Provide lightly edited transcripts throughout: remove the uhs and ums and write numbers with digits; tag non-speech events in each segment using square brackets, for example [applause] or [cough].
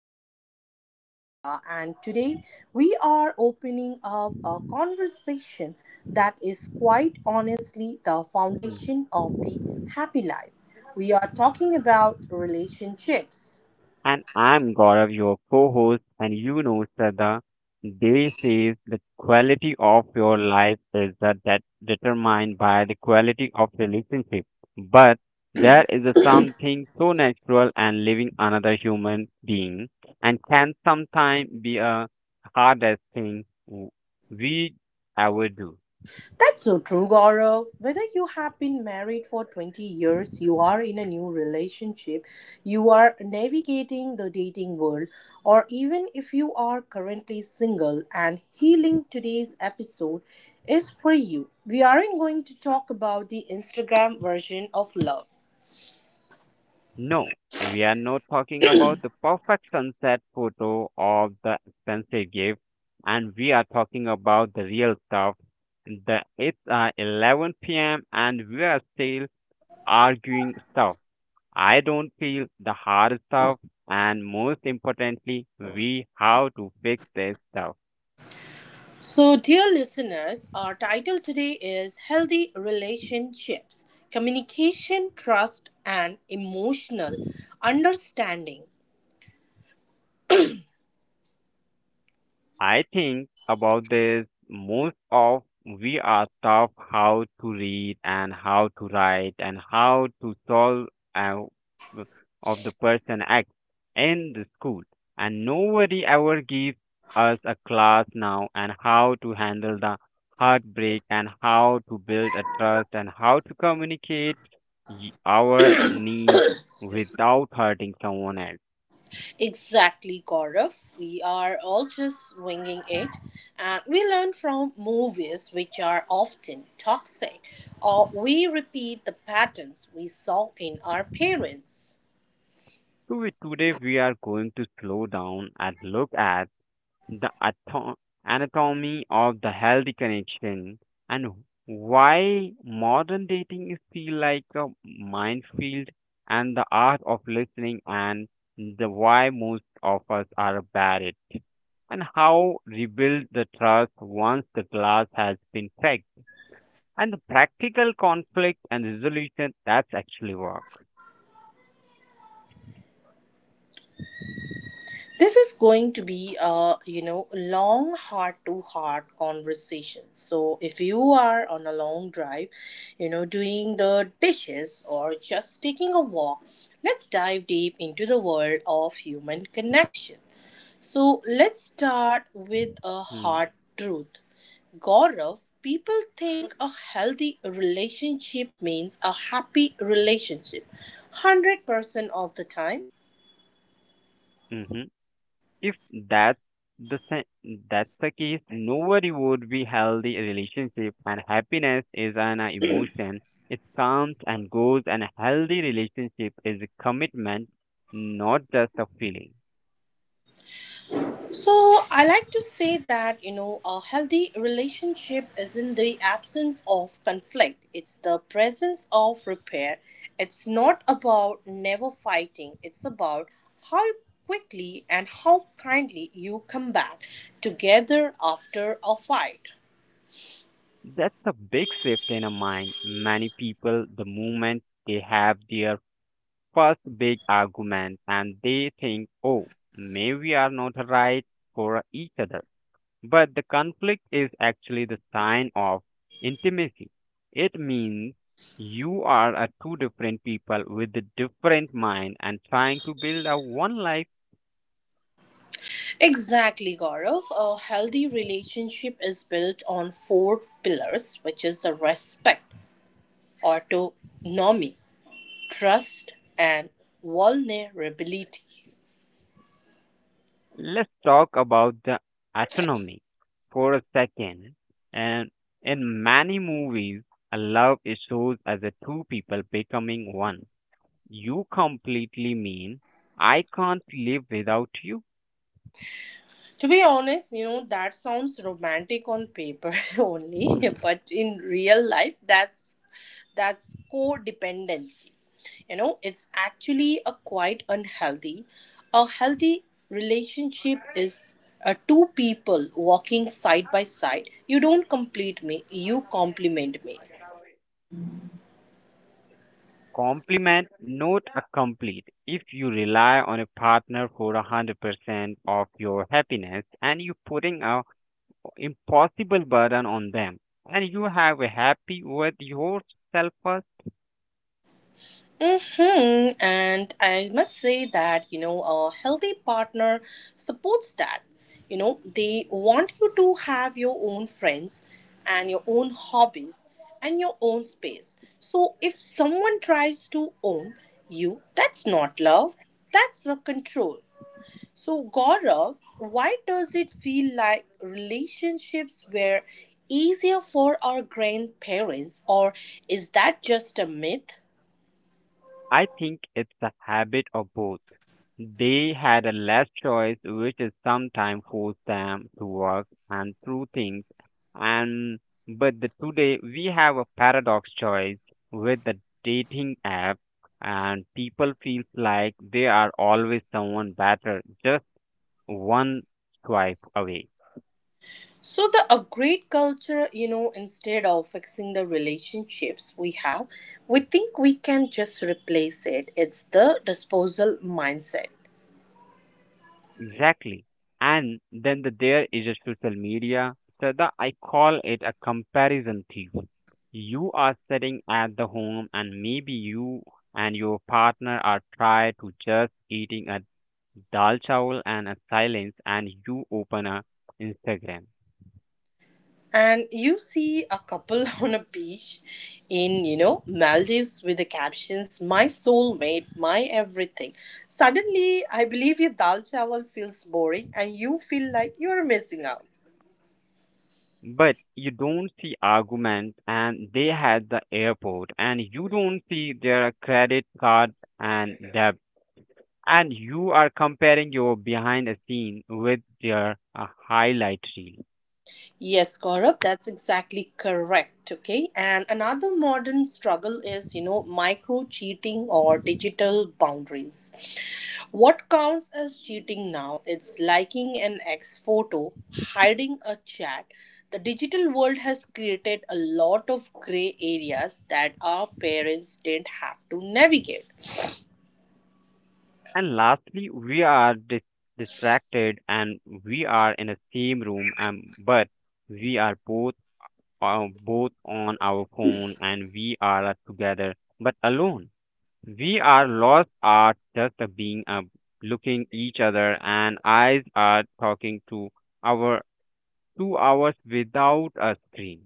am your host, Shraddha, and today we are opening up a conversation that is quite honestly the foundation of the happy life. We are talking about relationships. And I'm Gaurav, your co host, and you know, Sada, they say the quality of your life is that determined by the quality of relationship. But there is a something so natural and living another human being and can sometimes be a hardest thing we ever do. That's so true, Gaurav. Whether you have been married for 20 years, you are in a new relationship, you are navigating the dating world, or even if you are currently single and healing, today's episode is for you. We aren't going to talk about the Instagram version of love. No, we are not talking about the perfect sunset photo of the expensive gift, and we are talking about the real stuff. The it's 11 p.m. and we are still arguing stuff. I don't feel the hard stuff, and most importantly, we have to fix this stuff. So, dear listeners, our title today is Healthy Relationships Communication, Trust, and Emotional Understanding. I think about this most of we are taught how to read and how to write and how to solve uh, of the person acts in the school and nobody ever gives us a class now and how to handle the heartbreak and how to build a trust and how to communicate our need Excuse. without hurting someone else. Exactly, Gaurav. We are all just winging it, and we learn from movies which are often toxic, or we repeat the patterns we saw in our parents. So we, today we are going to slow down and look at the anatomy of the healthy connection, and why modern dating is feel like a minefield, and the art of listening, and the why most of us are bad at it, and how rebuild the trust once the glass has been cracked, and the practical conflict and resolution that's actually work. This is going to be a long heart to heart conversation. So if you are on a long drive, doing the dishes or just taking a walk, let's dive deep into the world of human connection. So let's start with a Hmm, hard truth. Gaurav, people think a healthy relationship means a happy relationship 100% of the time. Mm-hmm. If that's that's the case, no worry would be healthy relationship and happiness is an emotion. It comes and goes and a healthy relationship is a commitment, not just a feeling. So I like to say that a healthy relationship isn't the absence of conflict; it's the presence of repair. It's not about never fighting. It's about how quickly and how kindly you come back together after a fight. That's a big shift in a mind. Many people the moment they have their first big argument and they think, oh, maybe we are not right for each other. But the conflict is actually the sign of intimacy. It means you are a two different people with a different mind and trying to build a one life. Exactly, Gaurav. A healthy relationship is built on four pillars, which is a respect, autonomy, trust, and vulnerability. Let's talk about the autonomy for a second. And in many movies, a love is shown as a two people becoming one. You completely mean I can't live without you. To be honest, you know, that sounds romantic on paper [laughs] only, but in real life that's codependency. You know, it's actually a quite unhealthy. A healthy relationship is two people walking side by side. You don't complete me, you compliment me. Compliment, not a complete. If you rely on a partner for 100% of your happiness and you're putting a impossible burden on them, and you have a happy with yourself first. Hmm. And I must say that, you know, a healthy partner supports that. You know, they want you to have your own friends and your own hobbies and your own space. So if someone tries to own you, that's not love, that's a control. So, Gaurav, why does it feel like relationships were easier for our grandparents, or is that just a myth? I think it's a habit of both. They had a less choice, which is sometimes forced them to work and through things. And but the, today we have a paradox choice with the dating app, and people feel like they are always someone better, just one swipe away. So the upgrade culture, you know, instead of fixing the relationships we have, we think we can just replace it. It's the disposal mindset. Exactly. And then the, there is a social media. So the, I call it a comparison thief. You are sitting at the home and maybe you and your partner are tried to just eating a dal chawal and a silence and you open a Instagram. And you see a couple [laughs] on a beach in, you know, Maldives with the captions, "My soulmate, my everything." Suddenly, I believe your dal chawal feels boring and you feel like you're missing out. But you don't see arguments and they had the airport and you don't see their credit card and debit and you are comparing your behind the scene with their highlight reel. Yes, Gaurav, that's exactly correct. Okay. And another modern struggle is, you know, micro cheating or digital boundaries. What counts as cheating now? It's liking an ex photo, hiding a chat. The digital world has created a lot of gray areas that our parents didn't have to navigate. And lastly, we are distracted and we are in the same room, but we are both both on our phone and we are together but alone. We are lost at just being looking each other and eyes are talking to our 2 hours without a screen.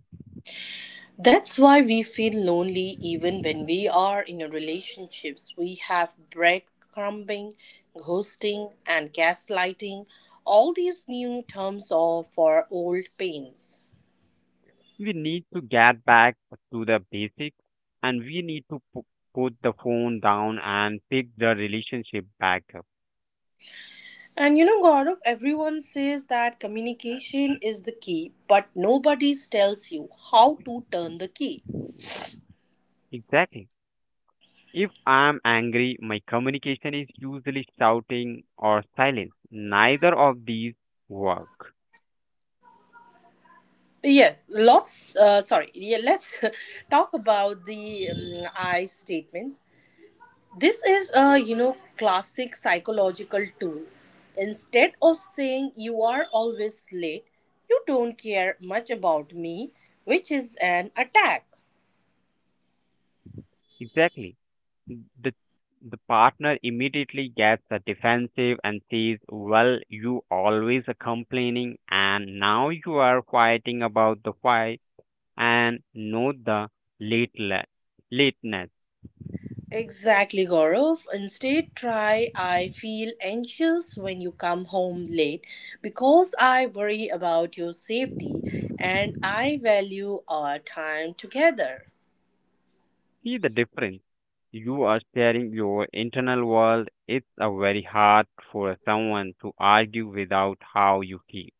That's why we feel lonely even when we are in a relationships. We have breadcrumbing, ghosting, and gaslighting. All these new terms are for old pains. We need to get back to the basics and we need to put the phone down and pick the relationship back up. And you know, Gaurav, everyone says that communication is the key, but nobody tells you how to turn the key. Exactly. If I'm angry, my communication is usually shouting or silence. Neither of these work. Yes, lots. Sorry. Yeah, let's [laughs] talk about the I statements. This is a, you know, classic psychological tool. Instead of saying you are always late, you don't care much about me, which is an attack. Exactly. The the partner immediately gets a defensive and says, well, you always are complaining and now you are fighting about the fight and note the late la- lateness. Exactly, Gaurav. Instead, try I feel anxious when you come home late because I worry about your safety and I value our time together. See the difference. You are sharing your internal world. It's a very hard for someone to argue without how you feel.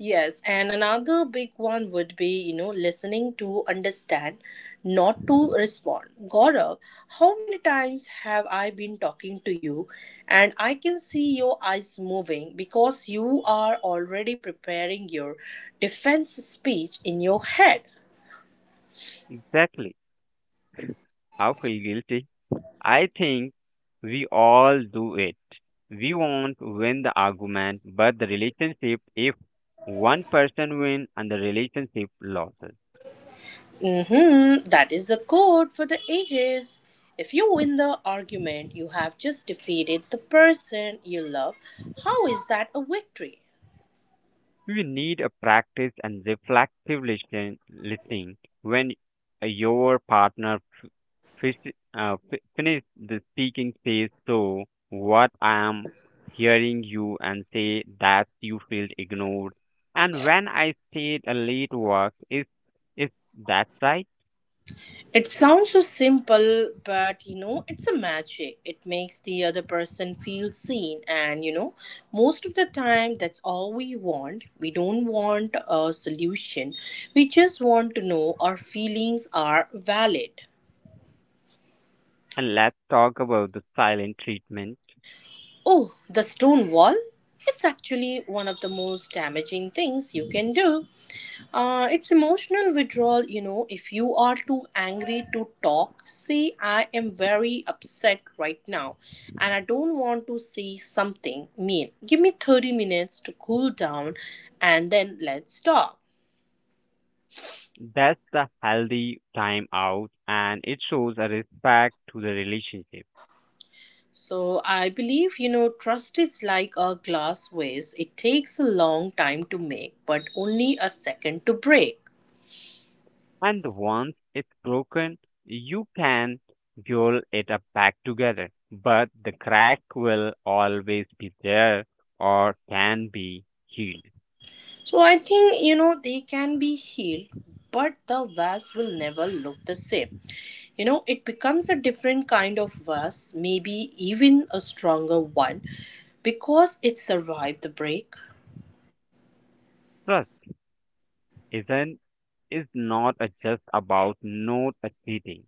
Yes, and another big one would be, you know, listening to understand, not to respond. Gaurav, how many times have I been talking to you and I can see your eyes moving because you are already preparing your defense speech in your head? Exactly. I feel guilty. I think we all do it. We want to win the argument, but the relationship, if one person wins and the relationship loses. Mm-hmm. That is the code for the ages. If you win the argument, you have just defeated the person you love. How is that a victory? You need a practice and reflective listening when your partner f- finish the speaking says so what I am hearing you and say that you feel ignored and when I stayed a late work is that right. It sounds so simple, but you know, it's a magic. It makes the other person feel seen, and you know, most of the time, that's all we want. We don't want a solution, we just want to know our feelings are valid. And let's talk about the silent treatment. Oh, the stone wall? It's actually one of the most damaging things you can do. It's emotional withdrawal, you know. If you are too angry to talk, say, I am very upset right now and I don't want to say something mean. Give me 30 minutes to cool down and then let's talk. That's the healthy time out and it shows a respect to the relationship. So, I believe, you know, trust is like a glass vase. It takes a long time to make, but only a second to break. And once it's broken, you can jolt it up back together. But the crack will always be there or can be healed. So, I think, you know, they can be healed, but the vase will never look the same. You know, it becomes a different kind of verse, maybe even a stronger one because it survived the break. Trust isn't is not a just about not cheating.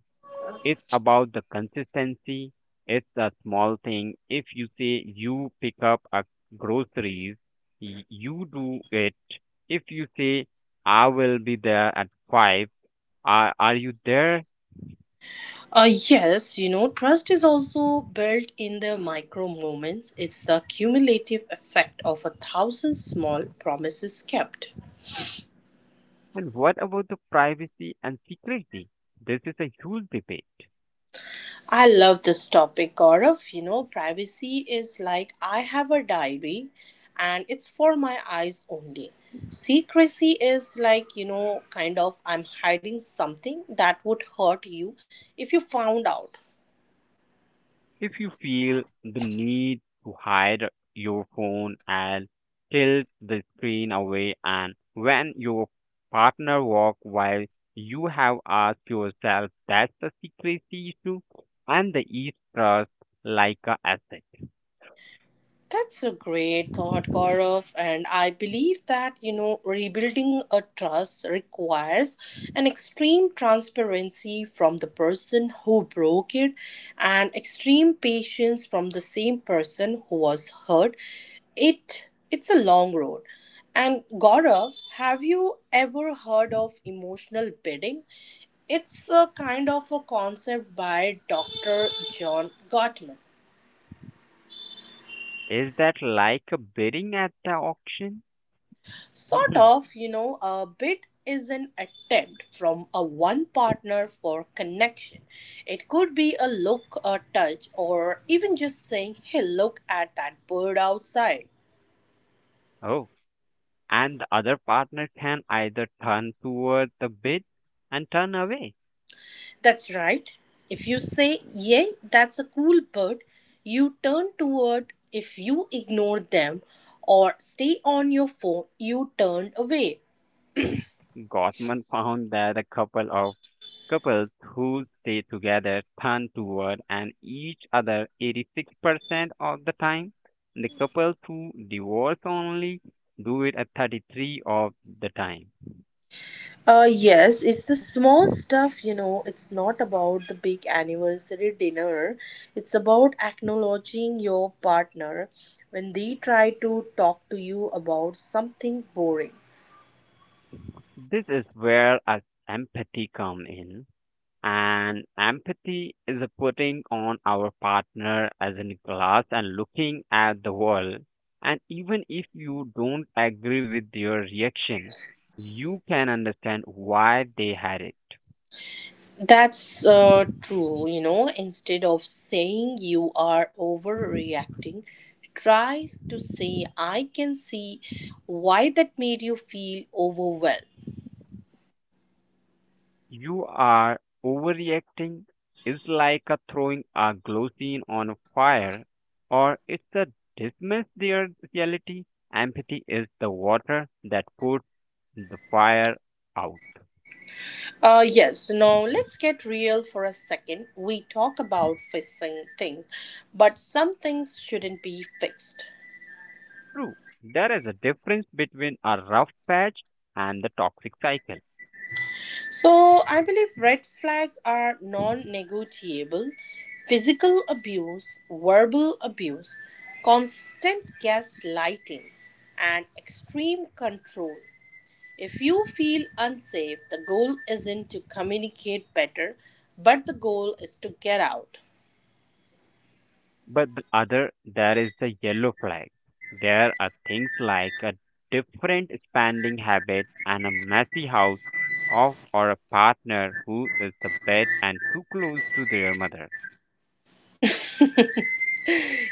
It's about the consistency. It's a small thing. If you say you pick up a groceries, you do it. If you say I will be there at five, are you there? Yes, you know, trust is also built in the micro moments. It's the cumulative effect of a thousand small promises kept. And what about the privacy and secrecy? This is a huge debate. I love this topic, Gaurav. You know, privacy is like I have a diary and it's for my eyes only. Secrecy is like, you know, kind of I'm hiding something that would hurt you if you found out. If you feel the need to hide your phone and tilt the screen away, and when your partner walks while you have asked yourself that's a secrecy issue, and the East trust like a asset. That's a great thought, Gaurav. And I believe that, you know, rebuilding a trust requires an extreme transparency from the person who broke it and extreme patience from the same person who was hurt. It's a long road. And Gaurav, have you ever heard of emotional bidding? It's a kind of a concept by Dr. John Gottman. Is that like a bidding at the auction? Sort [laughs] of, you know, a bit is an attempt from a one partner for connection. It could be a look, a touch, or even just saying, "Hey, look at that bird outside." Oh. And the other partner can either turn toward the bid and turn away. That's right. If you say, "Yay, that's a cool bird," you turn toward. If you ignore them or stay on your phone, you turn away. Gottman found that a couple of couples who stay together turn toward and each other 86% of the time. The couples who divorce only do it at 33 of the time. Yes, it's the small stuff, you know. It's not about the big anniversary dinner. It's about acknowledging your partner when they try to talk to you about something boring. This is where our empathy comes in. And empathy is a putting on our partner as in glass and looking at the world. And even if you don't agree with their reaction, you can understand why they had it. That's true, you know. Instead of saying you are overreacting, try to say, I can see why that made you feel overwhelmed. You are overreacting is like a throwing a glossine on a fire or it's a dismiss their reality. Empathy is the water that puts the fire out. Yes, now let's get real for a second. We talk about fixing things, but some things shouldn't be fixed. True, there is a difference between a rough patch and the toxic cycle. So, I believe red flags are non negotiable: physical abuse, verbal abuse, constant gaslighting, and extreme control. If you feel unsafe, the goal isn't to communicate better, but the goal is to get out. But the other, there is the yellow flag. There are things like a different spending habit and a messy house of or a partner who is a bit and too close to their mother.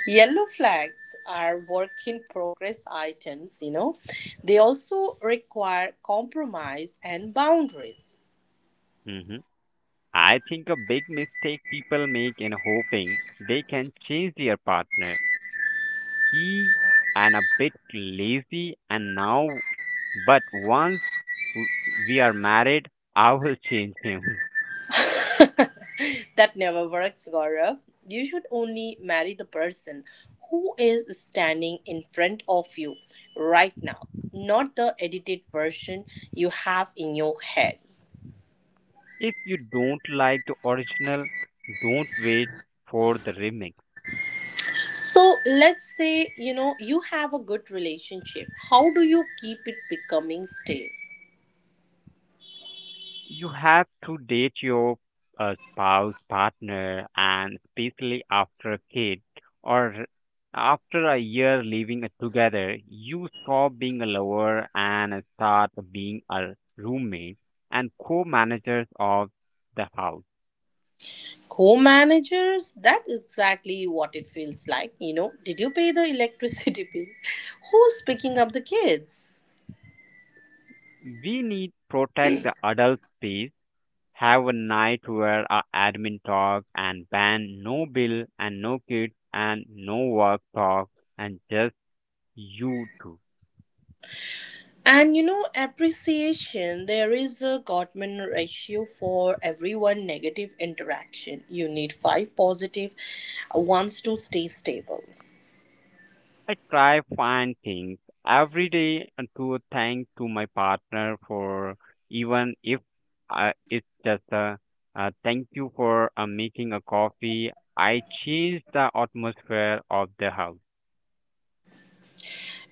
Yellow flags are work in progress items, you know. They also require compromise and boundaries. Hmm. I think a big mistake people make in hoping they can change their partner. He and a bit lazy and now but once w- we are married, I will change him. That never works, Gaurav. You should only marry the person who is standing in front of you right now, not the edited version you have in your head. If you don't like the original, don't wait for the remix. So let's say, you know, you have a good relationship. How do you keep it becoming stale? You have to date your spouse, partner, and especially after a kid or after a year living together, you stop being a lover and start being a roommate and co-managers of the house. Co-managers, that's exactly what it feels like. You know, did you pay the electricity [laughs] bill? Who's picking up the kids? We need protect the adult space have a night where our admin talk and ban no bill and no kids and no work talk and just you two. And you know, appreciation, there is a Gottman ratio. For every one negative interaction, you need five positive ones to stay stable. I try find things every day to thank to my partner for even if it's just a thank you for making a coffee. I change the atmosphere of the house.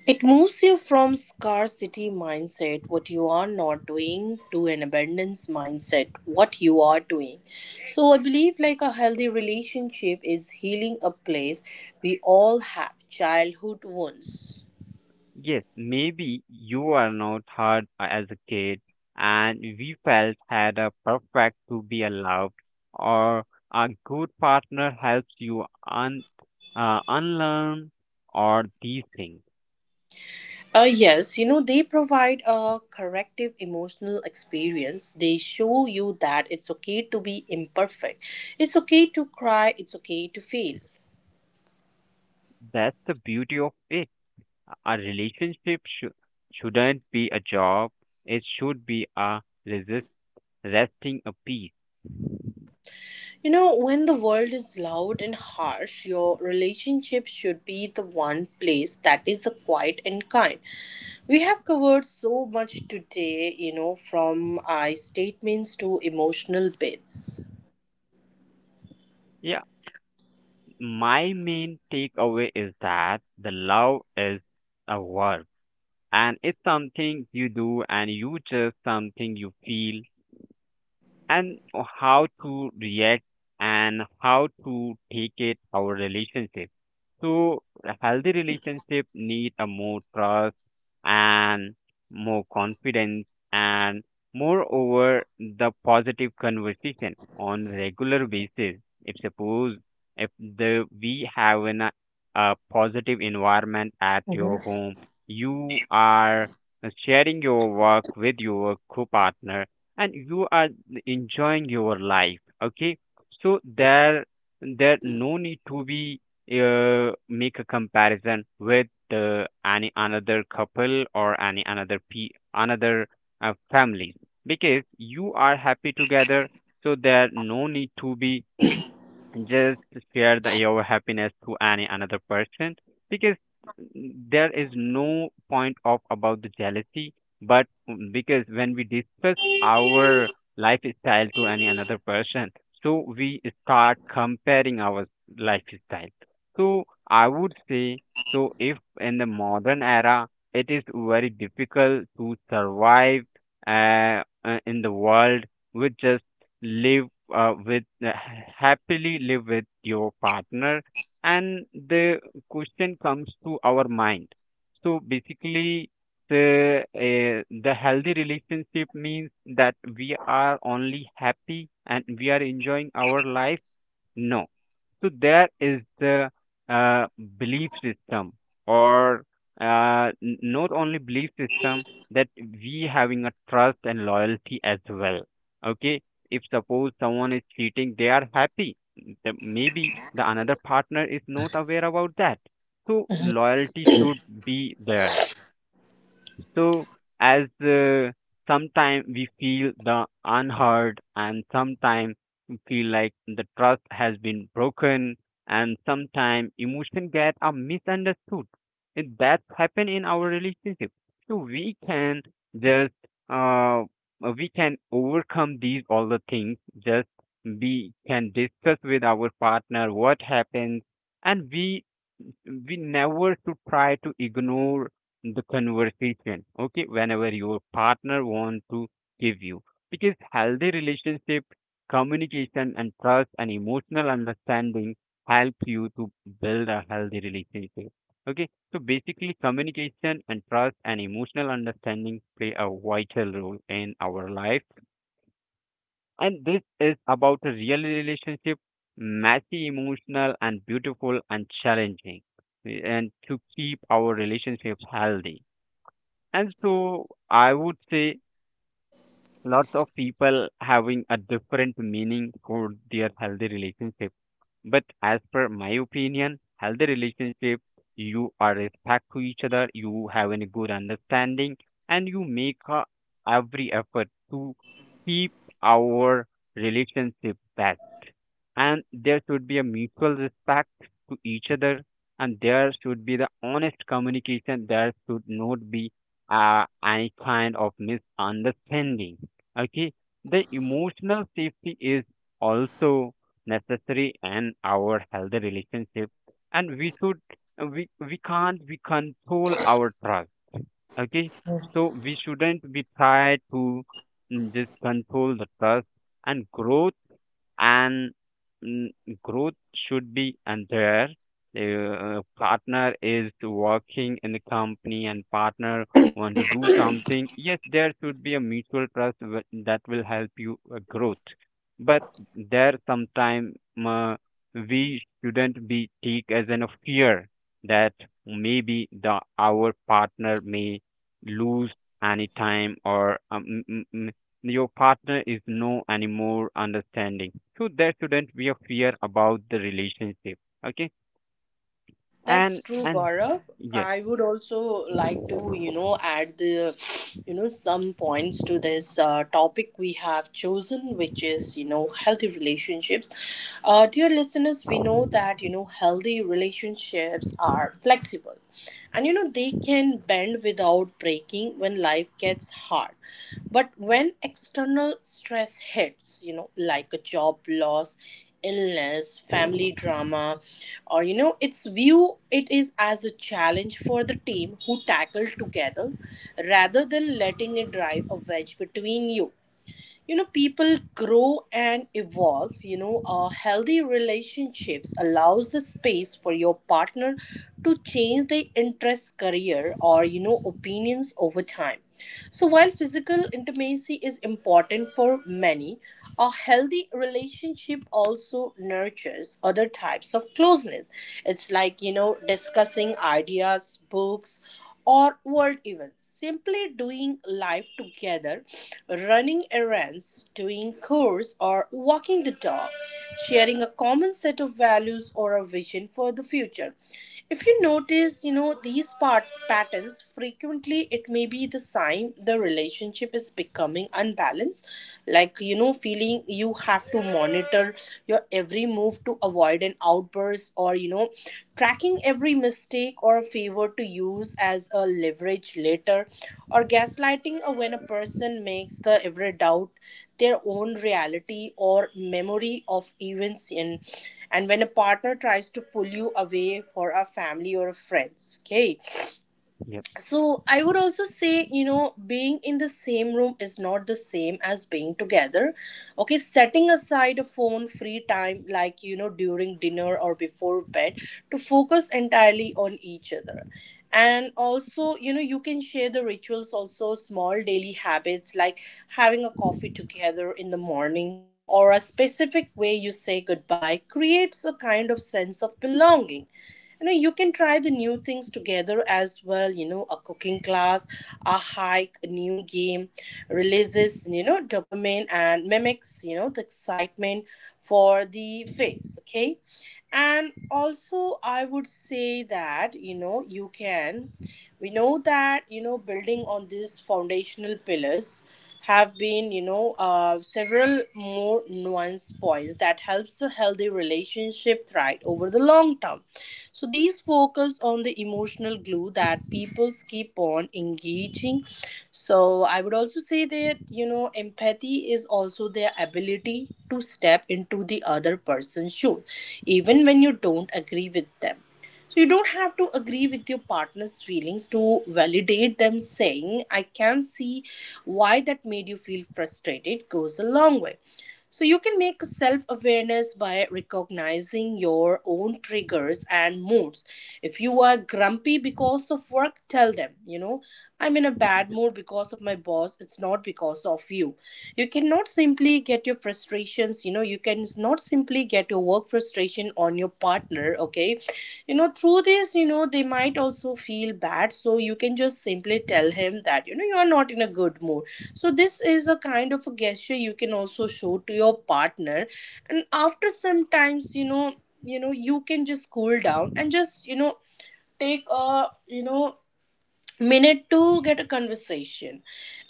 It moves you from scarcity mindset, what you are not doing, to an abundance mindset, what you are doing. So I believe like a healthy relationship is healing a place. We all have childhood wounds. Yes, maybe you were not heard as a kid and we felt had a perfect to be allowed or a good partner helps you un unlearn or these things. Yes, you know, they provide a corrective emotional experience. They show you that it's okay to be imperfect. It's okay to cry. It's okay to fail. That's the beauty of it. A relationship shouldn't be a job. It should be a resist resting a peace. You know, when the world is loud and harsh, your relationship should be the one place that is a quiet and kind. We have covered so much today, you know, from I statements to emotional bits. Yeah, my main takeaway is that the love is a work and it's something you do and you just something you feel and how to react and how to take it our relationship so a healthy relationship need a more trust and more confidence and moreover the positive conversation on regular basis if suppose if the we have a positive environment at your home you are sharing your work with your co-partner and you are enjoying your life okay so there no need to be make a comparison with any another couple or any another family because you are happy together so there no need to be just share your happiness to any another person because there is no point of about the jealousy but because when we discuss our lifestyle to any another person so we start comparing our lifestyle so I would say so if in the modern era it is very difficult to survive in the world we just live with happily live with your partner and the question comes to our mind so basically the healthy relationship means that we are only happy and we are enjoying our life no so there is the uh, belief system, or not only belief system that we having a trust and loyalty as well. Okay, if suppose someone is cheating, they are happy. The, maybe the another partner is not aware about that. So loyalty should be there. So, as sometimes we feel the unheard, and sometimes we feel like the trust has been broken, and sometimes emotion get are misunderstood. And that's happened in our relationship. So we can just uh we can overcome these all the things. Just we can discuss with our partner what happens, and we never should try to ignore the conversation. Okay, whenever your partner wants to give you, because healthy relationship, communication and trust and emotional understanding help you to build a healthy relationship. Okay, so basically communication and trust and emotional understanding play a vital role in our life, and this is about a real relationship, messy, emotional, and beautiful and challenging, and to keep our relationship healthy. And so I would say lots of people having a different meaning for their healthy relationship, but as per my opinion, healthy relationship, you are respect to each other, you have a good understanding, and you make a, every effort to keep our relationship best. And there should be a mutual respect to each other, and there should be the honest communication. There should not be any kind of misunderstanding. Okay, the emotional safety is also necessary in our healthy relationship, and we should we can't we control our trust. Okay, so we shouldn't be try to just control the trust and growth, and mm, growth should be, and there the partner is working in the company, and partner want to do something. Yes, there should be a mutual trust that will help you growth. But there sometime, uh, we shouldn't be take as an a fear that maybe the our partner may lose any time, or your partner is no anymore understanding. So there shouldn't be a fear about the relationship. Okay. That's and true, and Gaurav. yeah. I would also like to, you know, add the, you know, some points to this topic we have chosen, which is, you know, healthy relationships. Dear listeners, we know that, you know, healthy relationships are flexible and, you know, they can bend without breaking when life gets hard. But when external stress hits, you know, like a job loss, illness, family drama, or you know, its view it is as a challenge for the team who tackle together rather than letting it drive a wedge between you. You know, people grow and evolve. You know, healthy relationships allows the space for your partner to change their interests, career, or you know, opinions over time. So while physical intimacy is important for many, a healthy relationship also nurtures other types of closeness. It's like, you know, discussing ideas, books, or world events. Simply doing life together, running errands, doing chores, or walking the dog, sharing a common set of values or a vision for the future. If you notice, these patterns frequently, it may be the sign the relationship is becoming unbalanced, feeling you have to monitor your every move to avoid an outburst, or tracking every mistake or a favor to use as a leverage later, or gaslighting when a person makes the every doubt their own reality or memory of events in and when a partner tries to pull you away for a family or a friends. Okay. Yeah. So I would also say, being in the same room is not the same as being together. Okay. Setting aside a phone free time, like, during dinner or before bed, to focus entirely on each other. And also, you can share the rituals, also small daily habits like having a coffee together in the morning, or a specific way you say goodbye creates a kind of sense of belonging. You can try the new things together as well. A cooking class, a hike, a new game releases, dopamine, and mimics, the excitement for the face. Okay. And also, I would say that, you can we know that, building on these foundational pillars have been, several more nuanced points that helps a healthy relationship thrive over the long term. So these focus on the emotional glue that people keep on engaging. So I would also say that, empathy is also their ability to step into the other person's shoes even when you don't agree with them. So you don't have to agree with your partner's feelings to validate them, saying, I can see why that made you feel frustrated goes a long way. So you can make self awareness by recognizing your own triggers and moods. If you are grumpy because of work, tell them, I'm in a bad mood because of my boss, it's not because of you. You cannot simply get your frustrations. You can not simply get your work frustration on your partner. Okay. Through this, they might also feel bad, so you can just simply tell him that, you are not in a good mood. So this is a kind of a gesture you can also show to your partner. And after sometimes, you can just cool down and just, take a, minute to get a conversation.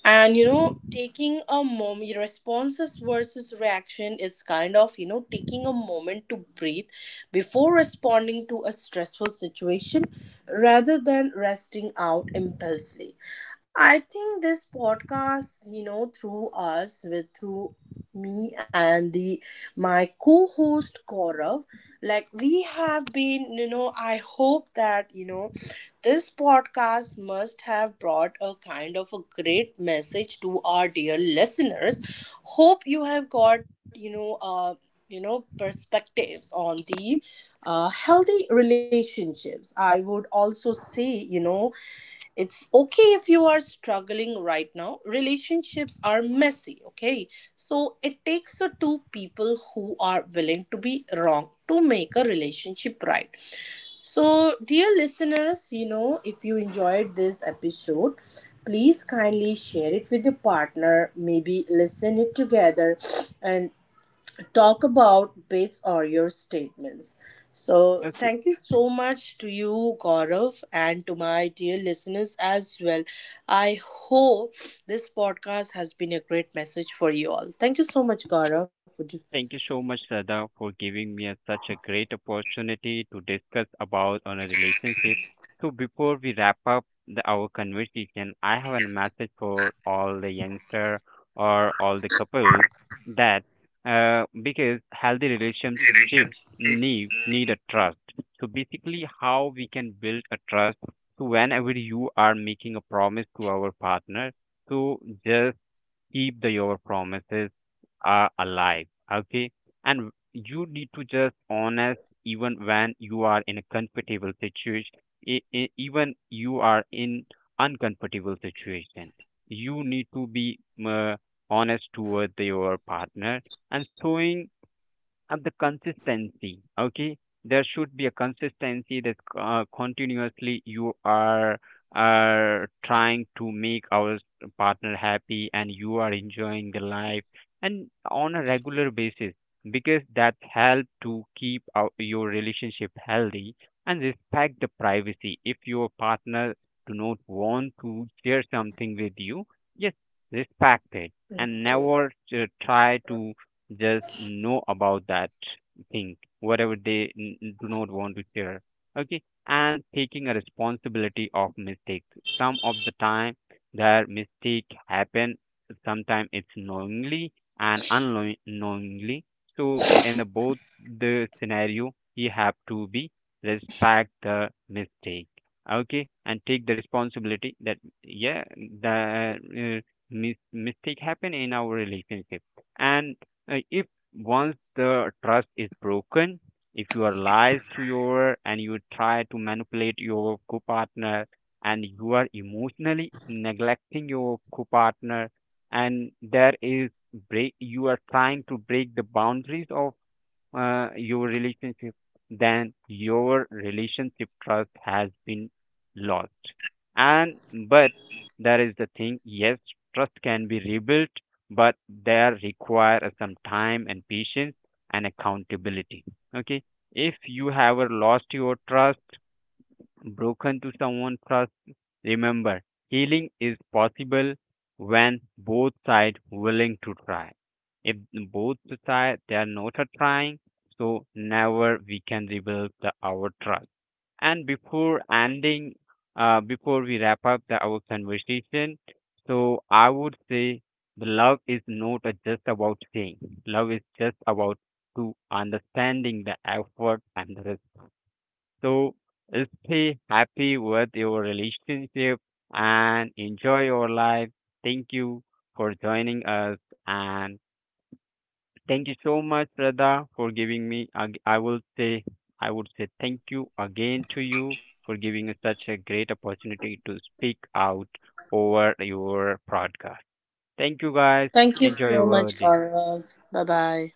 And, taking a moment, responses versus reaction, it's kind of, taking a moment to breathe before responding to a stressful situation, rather than resting out impulsively. I think this podcast, through us with through me and the my co-host Gaurav. Like we have been you know i hope that, this podcast must have brought a kind of a great message to our dear listeners. Hope you have got, perspectives on the healthy relationships. I would also say, it's okay if you are struggling right now. Relationships are messy, okay? So it takes a two people who are willing to be wrong to make a relationship right. So, dear listeners, if you enjoyed this episode, please kindly share it with your partner. Maybe listen it together and talk about bits or your statements. So, Okay. thank you so much to you, Gaurav, and to my dear listeners as well. I hope this podcast has been a great message for you all. Thank you so much, Gaurav. Would you? Thank you so much, Sada, for giving me a, such a great opportunity to discuss about on a relationship. So before we wrap up the, our conversation, I have a message for all the youngster or all the couples that, because healthy Relations. relationship need a trust. So basically, how we can build a trust. So whenever you are making a promise to our partner, so just keep the your promises are alive. Okay, and you need to just honest even when you are in a comfortable situation, even you are in uncomfortable situation, you need to be uh, honest toward your partner and showing and the consistency. Okay, there should be a consistency that continuously you are trying to make our partner happy, and you are enjoying the life, and on a regular basis, because that help to keep our, your relationship healthy. And respect the privacy. If your partner do not want to share something with you, just respect it, and Keep- never try to just know about that thing, whatever they do not want to share. Okay, and taking a responsibility of mistakes. Some of the time, their mistake happen. Sometimes it's knowingly and unknowingly. So in the both the scenario, you have to be respect the mistake. Okay, and take the responsibility that yeah, the mistake happen in our relationship, and if once the trust is broken, if you are lies to your, and you try to manipulate your co-partner, and you are emotionally neglecting your co-partner, and there is break, you are trying to break the boundaries of your relationship, then your relationship trust has been lost. And but that is the thing, yes, trust can be rebuilt, but there require some time and patience and accountability. Okay. If you have lost your trust, broken to someone trust, remember, healing is possible when both sides willing to try. If both sides they are not a trying, so never we can rebuild the, our trust. And before ending, before we wrap up the, our conversation, so I would say the love is not just about saying. Love is just about to understanding the effort and the, so stay happy with your relationship and enjoy your life. Thank you for joining us, and thank you so much, Radha, for giving me. I will say, I would say thank you again to you for giving us such a great opportunity to speak out over your broadcast. Thank you, guys. Thank you Enjoy so your much, day. Gaurav. Bye bye.